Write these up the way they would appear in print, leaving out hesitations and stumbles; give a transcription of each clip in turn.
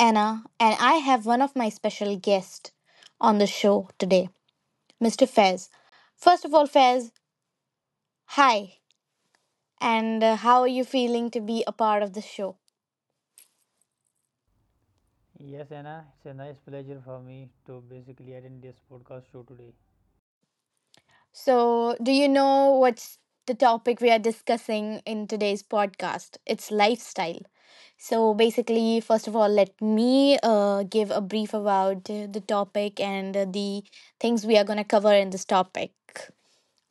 Anna and I have one of my special guests on the show today, Mr. Fez. First of all, Fez, hi. And how are you feeling to be a part of the show? Yes, Anna, it's a nice pleasure for me to basically attend this podcast show today. So, do you know what's the topic we are discussing in today's podcast? It's lifestyle. So, basically, first of all, let me give a brief about the topic and the things we are going to cover in this topic.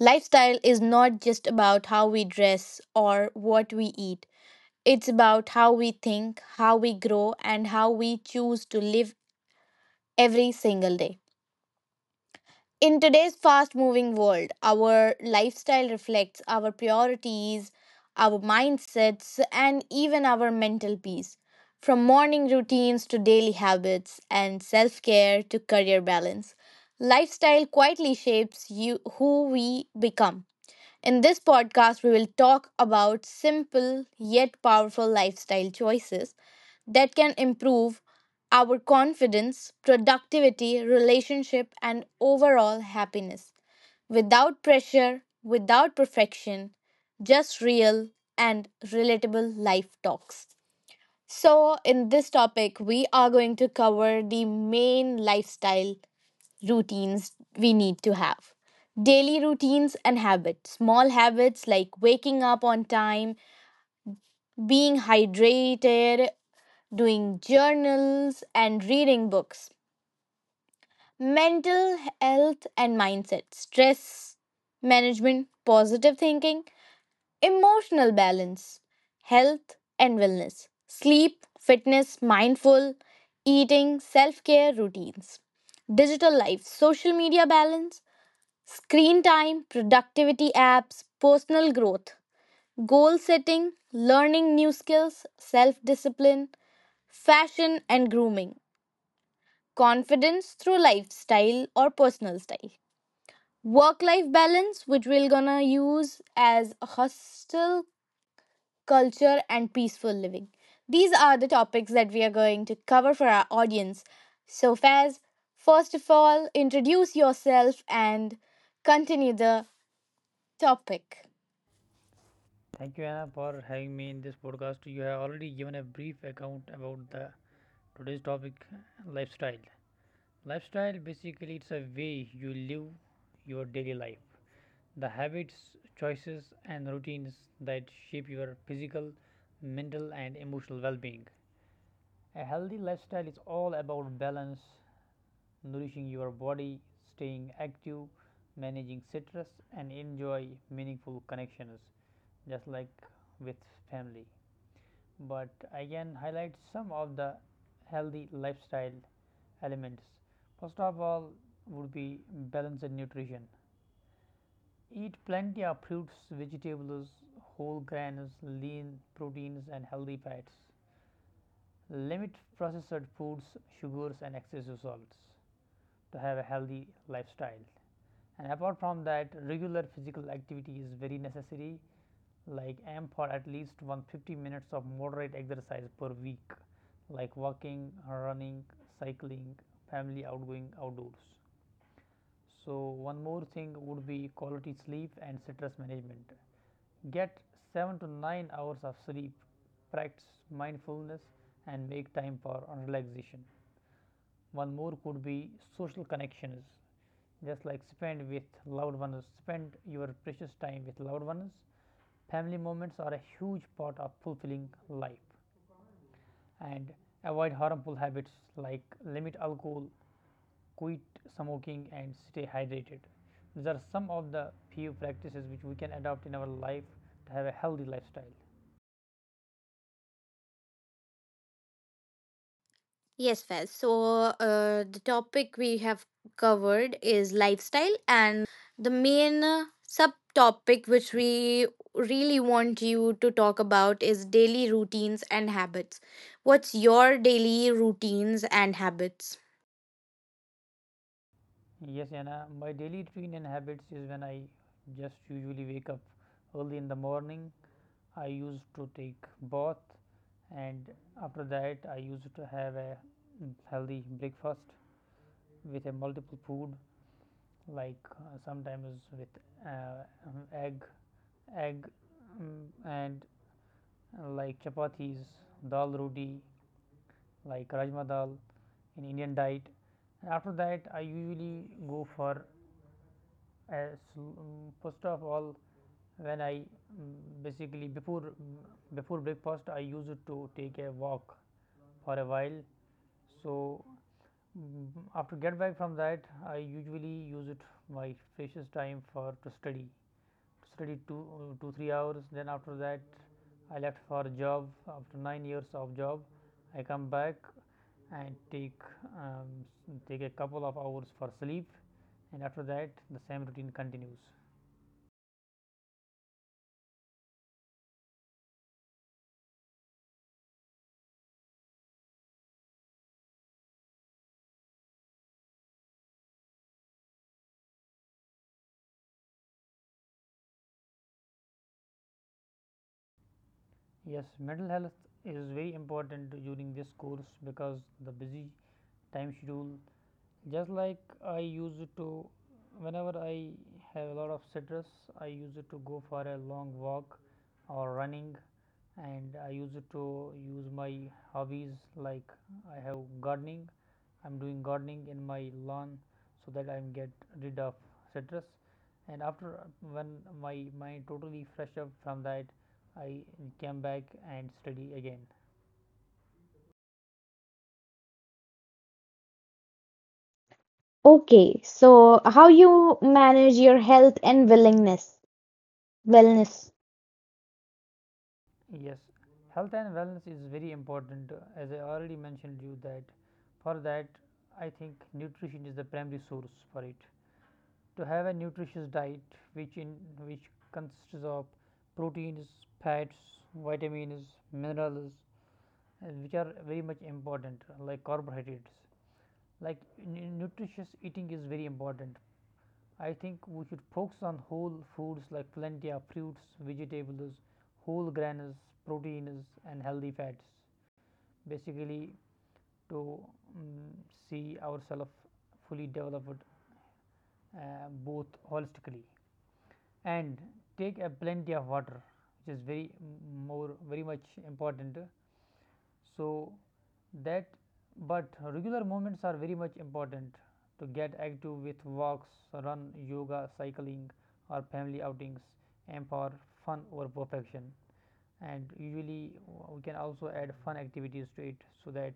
Lifestyle is not just about how we dress or what we eat. It's about how we think, how we grow, and how we choose to live every single day. In today's fast moving world, our lifestyle reflects our priorities, our mindsets, and even our mental peace. From morning routines to daily habits and self care to career balance, lifestyle quietly shapes you, who we become. In this podcast, we will talk about simple yet powerful lifestyle choices that can improve our confidence, productivity, relationship, and overall happiness without pressure, without perfection, just real and relatable life talks. So, in this topic, we are going to cover the main lifestyle routines we need to have. Daily routines and habits. Small habits like waking up on time, being hydrated, doing journals, and reading books. Mental health and mindset. Stress management, positive thinking, emotional balance, health and wellness, sleep, fitness, mindful eating, self care routines, digital life, social media balance, screen time, productivity apps, personal growth, goal setting, learning new skills, self discipline, fashion and grooming, confidence through lifestyle or personal style, work life balance, which we're gonna use as hostel culture and peaceful living. These are the topics that we are going to cover for our audience. So, Faz, first of all, introduce yourself and continue the topic. Thank you, Anna, for having me in this podcast. You have already given a brief account about the today's topic, lifestyle. Lifestyle basically it's a way you live your daily life. The habits, choices, and routines that shape your physical, mental, and emotional well being. A healthy lifestyle is all about balance, nourishing your body, staying active, managing stress, and enjoy meaningful connections just like with family. But I can highlight some of the healthy lifestyle elements. First of all, would be balanced nutrition. Eat plenty of fruits, vegetables, whole grains, lean proteins, and healthy fats. Limit processed foods, sugars, and excessive salts to have a healthy lifestyle. And apart from that, regular physical activity is very necessary. Like aim for at least 150 minutes of moderate exercise per week, like walking, running, cycling, family outgoing outdoors. So one more thing would be quality sleep and stress management. Get 7 to 9 hours of sleep, practice mindfulness and make time for relaxation. One more could be social connections just like spend with loved ones, spend your precious time with loved ones. Family moments are a huge part of fulfilling life and avoid harmful habits like limit alcohol, quit smoking, and stay hydrated. These are some of the few practices which we can adopt in our life to have a healthy lifestyle. Yes, Faz. So the topic we have covered is lifestyle, and the main subtopic which we really want you to talk about is daily routines and habits. What's your daily routines and habits? Yes, Yana, my daily routine and habits is when I just usually wake up early in the morning I used to take bath, and after that I used to have a healthy breakfast with a multiple food like sometimes with egg egg and like chapatis dal roti like rajma dal in Indian diet, and after that I usually go for a first of all when I mm, basically before before breakfast I used to take a walk for a while. So, mm, after get back from that I usually use it my precious time for to study 2 2 3 hours, then after that I left for a job. After 9 years of job I come back and take um, take a couple of hours for sleep, and after that the same routine continues. Yes, mental health is very important during this course because the busy time schedule. Just like I used to, whenever I have a lot of citrus, I used to go for a long walk or running, and I used to use my hobbies like I have gardening. I'm doing gardening in my lawn so that I'm get rid of citrus. And after when my mind totally fresh up from that, I came back and study again. Okay, so how you manage your health and willingness wellness. Yes, health and wellness is very important. As I already mentioned you that for that I think nutrition is the primary source for it. To have a nutritious diet, which in which consists of proteins, fats, vitamins, minerals, which are very much important, like carbohydrates. Like nutritious eating is very important. I think we should focus on whole foods like plenty of fruits, vegetables, whole grains, proteins, and healthy fats. Basically, to mm, see ourselves fully developed uh, both holistically and take a plenty of water, which is very more very much important so, that but regular movements are very much important to get active with walks, run, yoga, cycling, or family outings, aim for fun or perfection. And usually, we can also add fun activities to it so that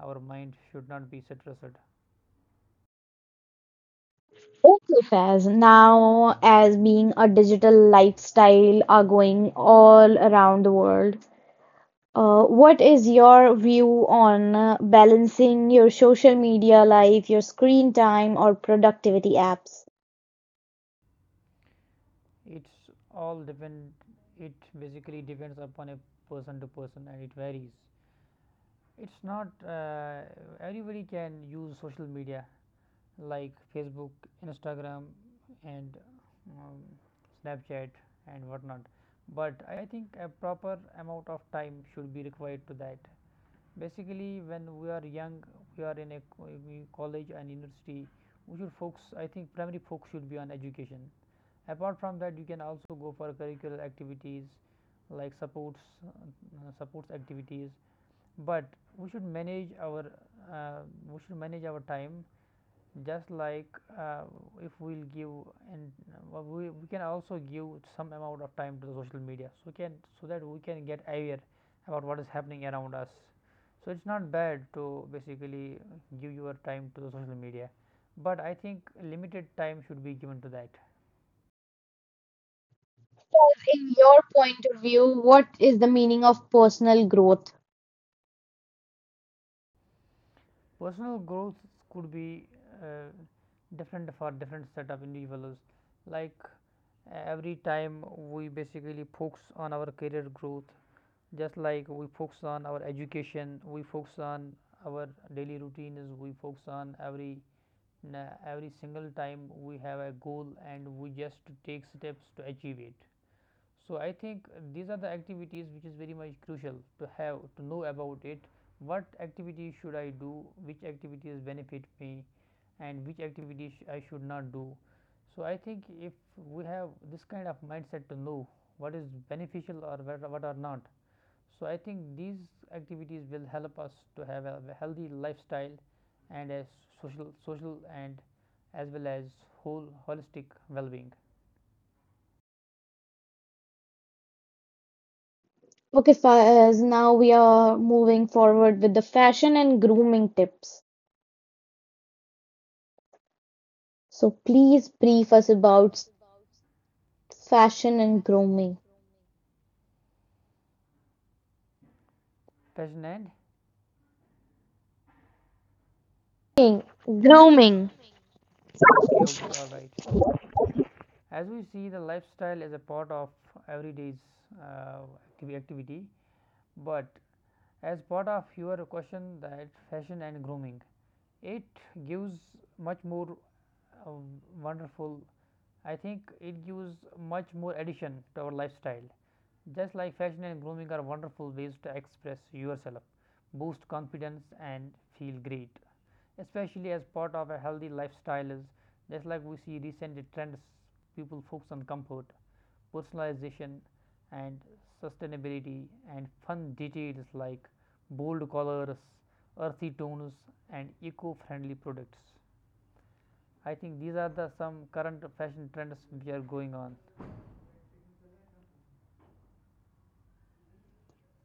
our mind should not be stressed. Okay, Faz. Now, as being a digital lifestyle are going all around the world, what is your view on balancing your social media life, your screen time, or productivity apps? It's all depend. It basically depends upon a person to person, and it varies. It's not everybody can use social media like Facebook, Instagram, and um, Snapchat and whatnot. But I think a proper amount of time should be required to that. Basically, when we are young, we are in a college and university, we should focus. I think primary focus should be on education. Apart from that, you can also go for curricular activities like supports activities. But we should manage our uh, we should manage our time just like uh, if we'll give and we can also give some amount of time to the social media so we can so that we can get aware about what is happening around us. So it's not bad to basically give your time to the social media, but I think limited time should be given to that. In your point of view, what is the meaning of personal growth? Personal growth could be uh, different for different set of individuals, like every time we basically focus on our career growth, just like we focus on our education, we focus on our daily routines, we focus on every single time we have a goal, and we just take steps to achieve it. So I think these are the activities which is very much crucial to have to know about it, what activities should I do, which activities benefit me, and which activities I should not do. So I think if we have this kind of mindset to know what is beneficial or what are not, so, I think these activities will help us to have a healthy lifestyle and a social and as well as whole holistic well-being. Okay, Faz, now we are moving forward with the fashion and grooming tips. So please brief us about fashion and grooming. Passion and Grooming. Grooming. okay, okay, all right. As we see, the lifestyle is a part of everyday's uh, activity, but as part of your question, that fashion and grooming, it gives much more uh, wonderful, I think it gives much more addition to our lifestyle. Just like fashion and grooming are wonderful ways to express yourself, boost confidence and feel great, especially as part of a healthy lifestyle. Is just like we see recent trends, people focus on comfort, personalization and sustainability, and fun details like bold colors, earthy tones, and eco-friendly products. I think these are the some current fashion trends which are going on.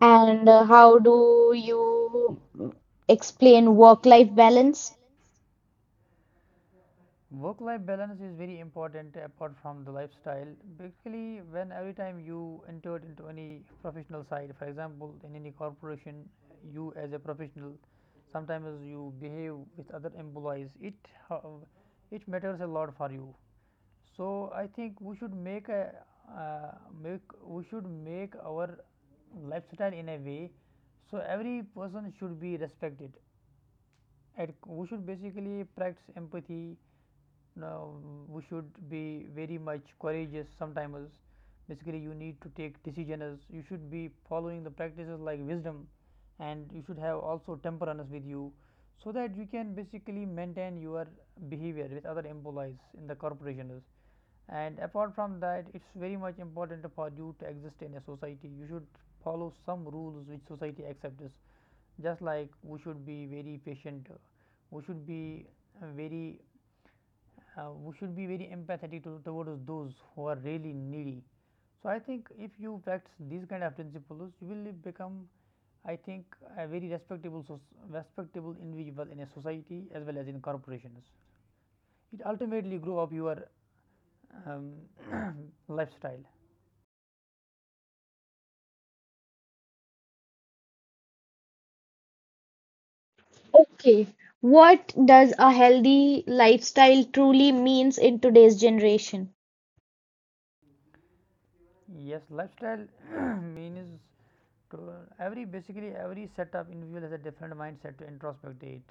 And how do you explain work-life balance? Work life balance is very important apart from the lifestyle. Basically, when every time you entered into any professional side, for example, in any corporation, you as a professional, sometimes you behave with other employees, ho- it matters a lot for you. So I think we should make a uh, make we should make our lifestyle in a way, so every person should be respected. And we should basically practice empathy. Now we should be very much courageous sometimes. Basically, you need to take decisions. You should be following the practices like wisdom, and you should have also temperance with you, so that you can basically maintain your behavior with other employees in the corporations. And apart from that, it's very much important for you to exist in a society. You should follow some rules which society accepts, just like we should be very patient, we should be uh, very we should be very empathetic to, towards those who are really needy. So I think if you practice these kind of principles, you will become, I think, a very respectable individual in a society as well as in corporations. It ultimately grow up your um, lifestyle. Okay. What does a healthy lifestyle truly means in today's generation? Yes, lifestyle means to every basically every setup individual has a different mindset to introspect it.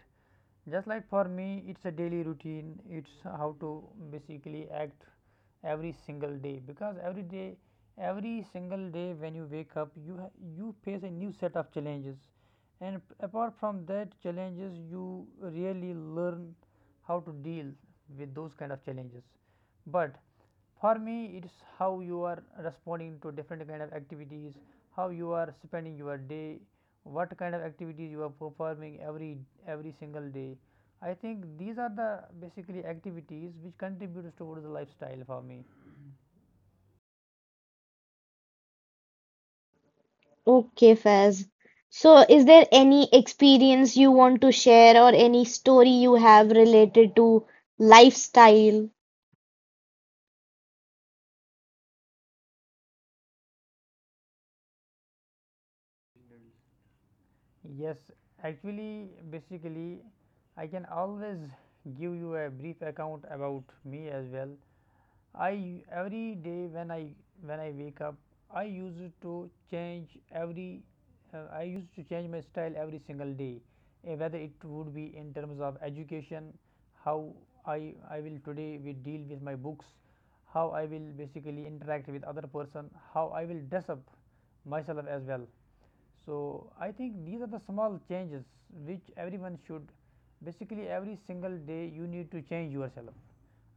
Just like for me, it's a daily routine. It's how to basically act every single day, because every day, every single day when you wake up, you face a new set of challenges, and apart from that challenges, you really learn how to deal with those kind of challenges. But for me, it's how you are responding to different kind of activities, how you are spending your day, what kind of activities you are performing every single day. I think these are the basically activities which contributes towards the lifestyle for me. Okay, Faz. So, is there any experience you want to share or any story you have related to lifestyle? Yes, actually, basically, I can always give you a brief account about me as well. I every day when I wake up I used to change every I used to change my style every single day, whether it would be in terms of education, how I will today we deal with my books, how I will basically interact with other person, how I will dress up myself as well. So, I think these are the small changes which everyone should basically every single day you need to change yourself.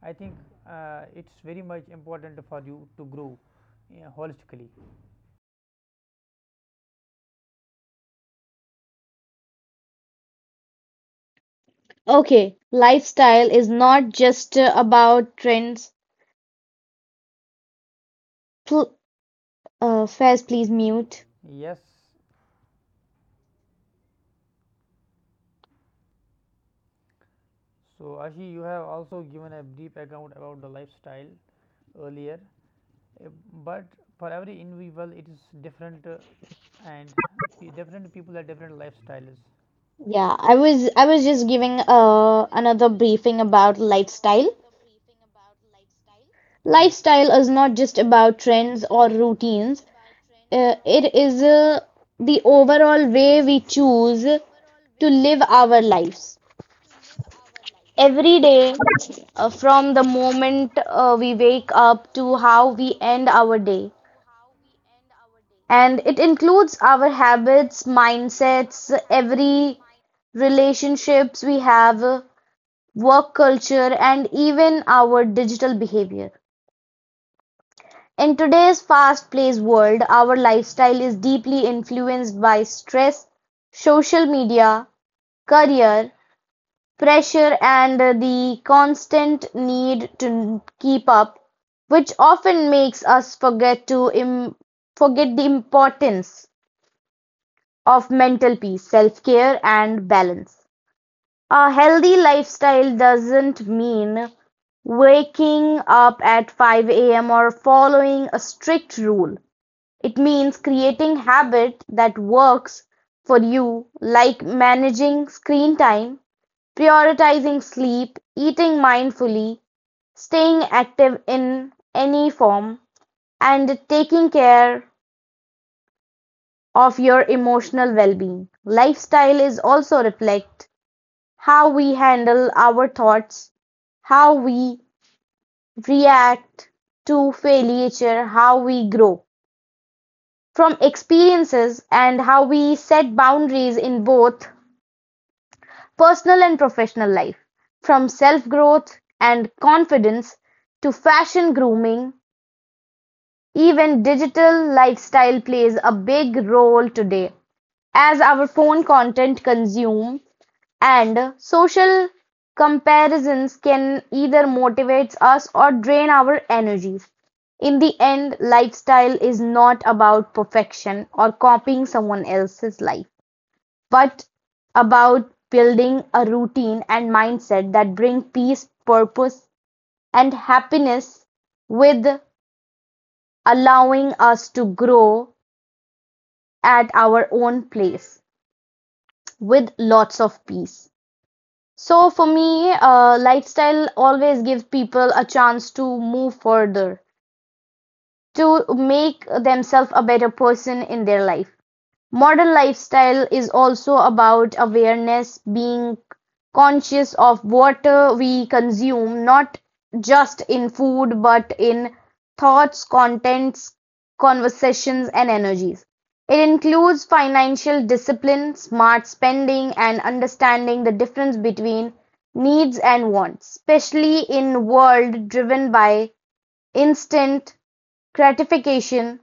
I think it's very much important for you to grow holistically. Okay, lifestyle is not just about trends Pl Fez, please mute. Yes, so Ashi, you have also given a brief account about the lifestyle earlier, uh, but for every individual it is different, and different people have different lifestyles. Yeah, I was just giving another briefing about lifestyle. Yes. Lifestyle is not just about trends or routines. It is the overall way we choose to live our lives. Every day, from the moment we wake up to how we end our day. And it includes our habits, mindsets, every relationships we have, work culture, and even our digital behavior. In today's fast-paced world, our lifestyle is deeply influenced by stress, social media, career, pressure, and the constant need to keep up, which often makes us forget to forget the importance of mental peace, self-care, and balance. A healthy lifestyle doesn't mean waking up at five AM or following a strict rule. It means creating habit that works for you, like managing screen time, prioritizing sleep, eating mindfully, staying active in any form, and taking care of your emotional well-being. Lifestyle is also reflect how we handle our thoughts, how we react to failure, how we grow from experiences, and how we set boundaries in both personal and professional life. From self growth and confidence to fashion grooming, even digital lifestyle plays a big role today as our phone content consume and social comparisons can either motivate us or drain our energies. In the end, lifestyle is not about perfection or copying someone else's life, but about building a routine and mindset that bring peace, purpose, and happiness with allowing us to grow at our own place with lots of peace. So for me, lifestyle always gives people a chance to move further, to make themselves a better person in their life. Modern lifestyle is also about awareness, being conscious of what we consume, not just in food, but in thoughts, contents, conversations, and energies. It includes financial discipline, smart spending, and understanding the difference between needs and wants, especially in a world driven by instant gratification,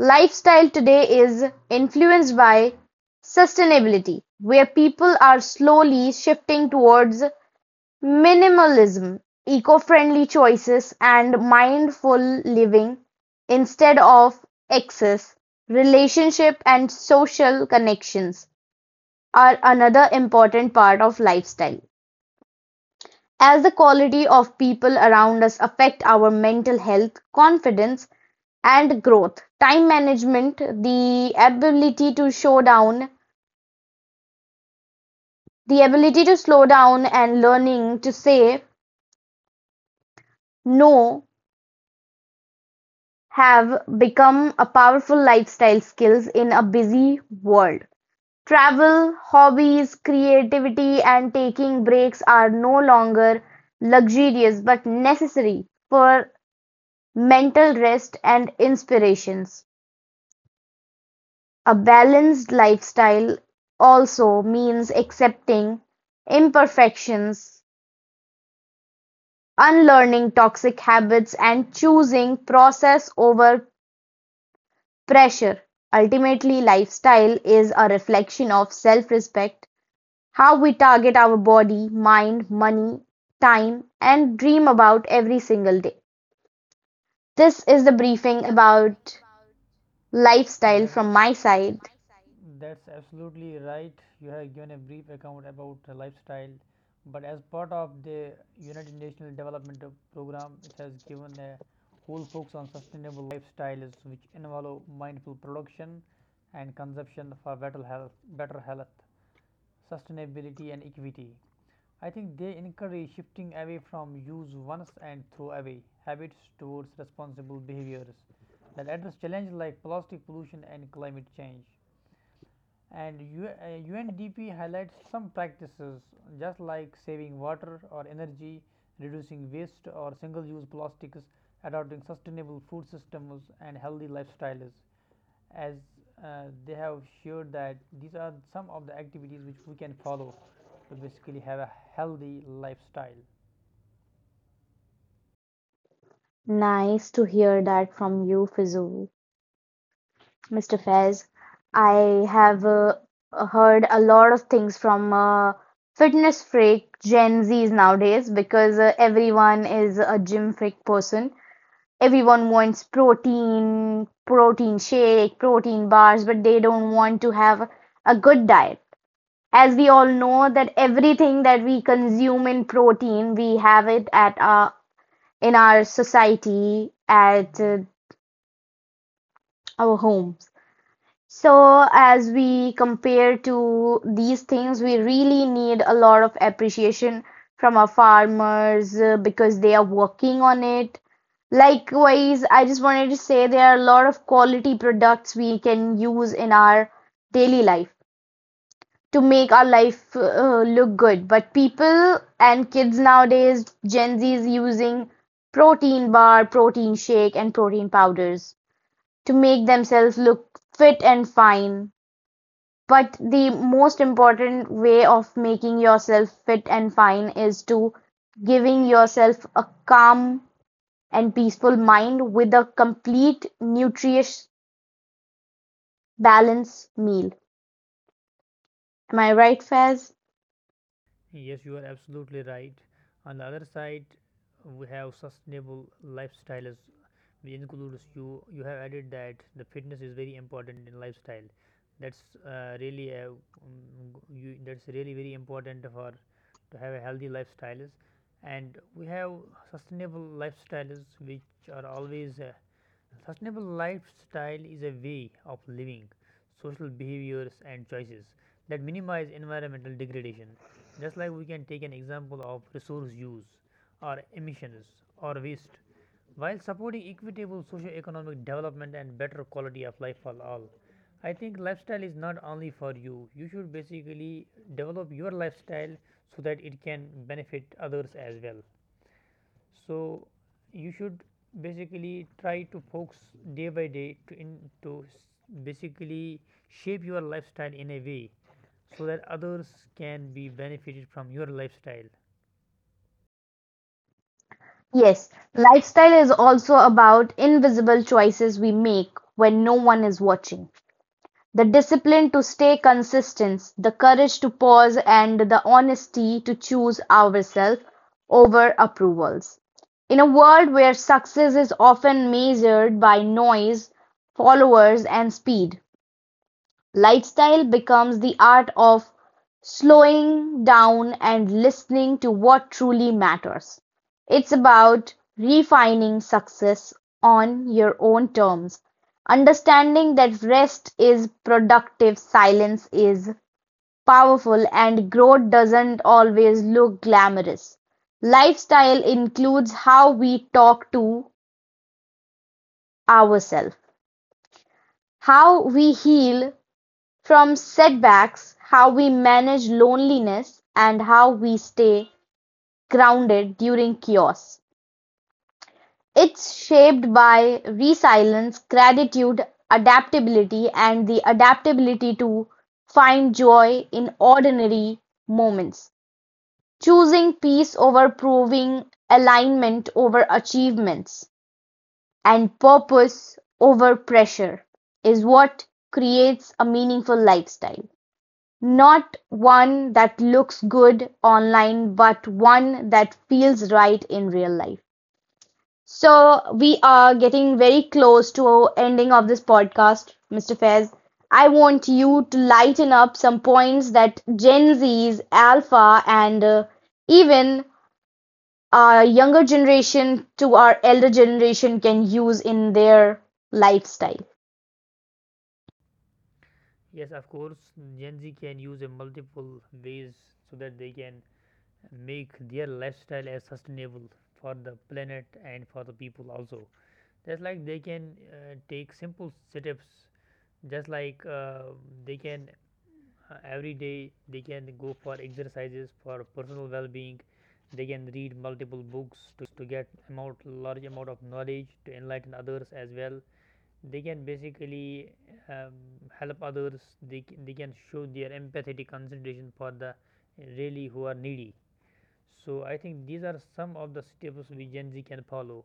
lifestyle today is influenced by sustainability, where people are slowly shifting towards minimalism, eco-friendly choices, and mindful living instead of excess. Relationship and social connections are another important part of lifestyle. As the quality of people around us affect our mental health, confidence, and growth, time management, the ability to show down, the ability to slow down and learning to say no have become a powerful lifestyle skills in a busy world. Travel, hobbies, creativity, and taking breaks are no longer luxurious but necessary for mental rest and inspirations. A balanced lifestyle also means accepting imperfections, unlearning toxic habits, and choosing process over pressure. Ultimately, lifestyle is a reflection of self respect, how we target our body, mind, money, time, and dream about every single day. This is the briefing about lifestyle That's from my side. That's absolutely right. You have given a brief account about the lifestyle, but as part of the United Nations Development Program, it has given a whole focus on sustainable lifestyles, which involve mindful production and consumption for better health, sustainability, and equity. I think they encourage shifting away from use once and throw away habits towards responsible behaviors that address challenges like plastic pollution and climate change. And UNDP highlights some practices just like saving water or energy, reducing waste or single use plastics, adopting sustainable food systems and healthy lifestyles, as they have shared that these are some of the activities which we can follow to basically have a healthy lifestyle. Nice to hear that from you, Fizul. Mr. Faiz, I have heard a lot of things from fitness freak Gen Zs nowadays because everyone is a gym freak person. Everyone wants protein, protein shake, protein bars, but they don't want to have a good diet. As we all know that everything that we consume in protein, we have it at our in our society at our homes. So as we compare to these things, we really need a lot of appreciation from our farmers because they are working on it. Likewise, I just wanted to say there are a lot of quality products we can use in our daily life to make our life look good. But people and kids nowadays, Gen Z is using protein bar, protein shake, and protein powders to make themselves look fit and fine. But the most important way of making yourself fit and fine is to giving yourself a calm and peaceful mind with a complete, nutritious, balanced meal. Am I right, Faz? Yes, you are absolutely right. On the other side, we have sustainable lifestyle, as we includes you. You have added that the fitness is very important in lifestyle. That's really a, you, that's really very important for to have a healthy lifestyles, and we have sustainable lifestyles which are always sustainable lifestyle is a way of living, social behaviors, and choices that minimize environmental degradation. Just like we can take an example of resource use, or emissions, or waste, while supporting equitable socio-economic development and better quality of life for all. I think lifestyle is not only for you. You should basically develop your lifestyle so that it can benefit others as well. So, you should basically try to focus day by day to to s- basically shape your lifestyle in a way so that others can be benefited from your lifestyle. Yes, lifestyle is also about invisible choices we make when no one is watching. The discipline to stay consistent, the courage to pause and the honesty to choose ourselves over approvals. In a world where success is often measured by noise, followers and speed, lifestyle becomes the art of slowing down and listening to what truly matters. It's about refining success on your own terms, understanding that rest is productive, silence is powerful, and growth doesn't always look glamorous. Lifestyle includes how we talk to ourselves, how we heal from setbacks, how we manage loneliness and how we stay grounded during chaos. It's shaped by resilience, gratitude, adaptability, and the adaptability to find joy in ordinary moments. Choosing peace over proving, alignment over achievements, and purpose over pressure is what creates a meaningful lifestyle. Not one that looks good online, but one that feels right in real life. So we are getting very close to ending of this podcast, Mr. Fez. I want you to lighten up some points that Gen Z's, Alpha, and even our younger generation to our elder generation can use in their lifestyle. Yes, of course, Gen Z can use a multiple ways so that they can make their lifestyle as sustainable for the planet and for the people also. Just like they can take simple steps, just like they can every day they can go for exercises for personal well-being, they can read multiple books to get amount large amount of knowledge to enlighten others as well, they can basically um, help others, they can show their empathetic consideration for the really who are needy. So I think these are some of the steps we Gen Z can follow.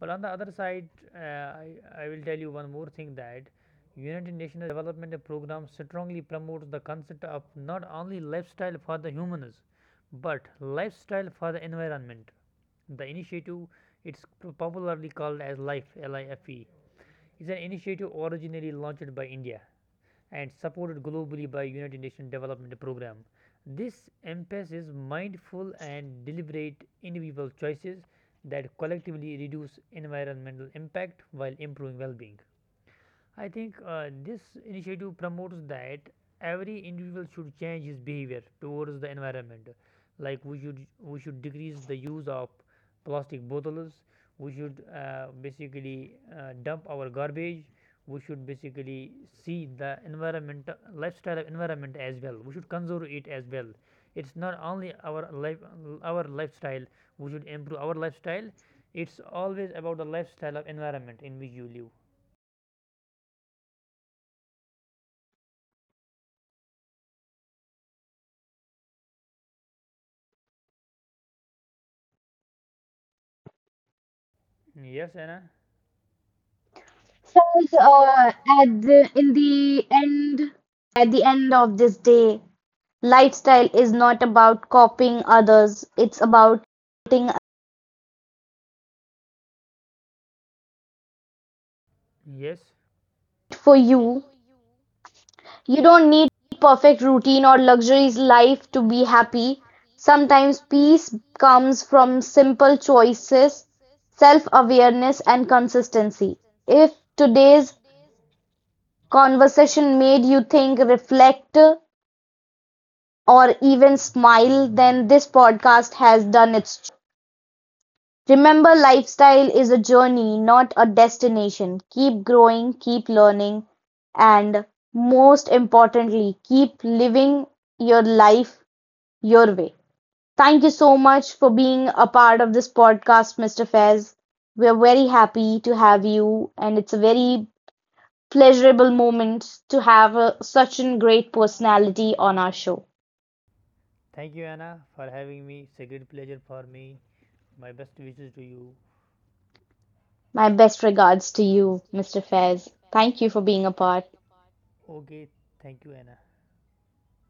But on the other side, I will tell you one more thing, that United Nations Development Program strongly promotes the concept of not only lifestyle for the humans, but lifestyle for the environment. The initiative, it's popularly called as LIFE, LIFE, is an initiative originally launched by India and supported globally by United Nations Development Program. This emphasizes mindful and deliberate individual choices that collectively reduce environmental impact while improving well-being. I think this initiative promotes that every individual should change his behavior towards the environment. Like we should decrease the use of plastic bottles. We should basically dump our garbage. We should basically see the environment lifestyle of environment as well. We should conserve it as well. It's not only our life our lifestyle. We should improve our lifestyle. It's always about the lifestyle of environment in which you live. Yes, Anna. Says at the in the end at the end of this day, lifestyle is not about copying others, it's about Yes, for you. You don't need perfect routine or luxurious life to be happy. Sometimes peace comes from simple choices, self awareness, and consistency. If today's conversation made you think, reflect, or even smile, then this podcast has done its. Remember, lifestyle is a journey, not a destination. Keep growing, keep learning, and most importantly, keep living your life your way. Thank you so much for being a part of this podcast, Mr. Fez. We're very happy to have you, and it's a very pleasurable moment to have a, such a great personality on our show. thank you, Anna, for having me. It's a great pleasure for me. My best wishes to you. My best regards to you, Mr. Fez. Thank you for being a part. Okay, thank you, Anna.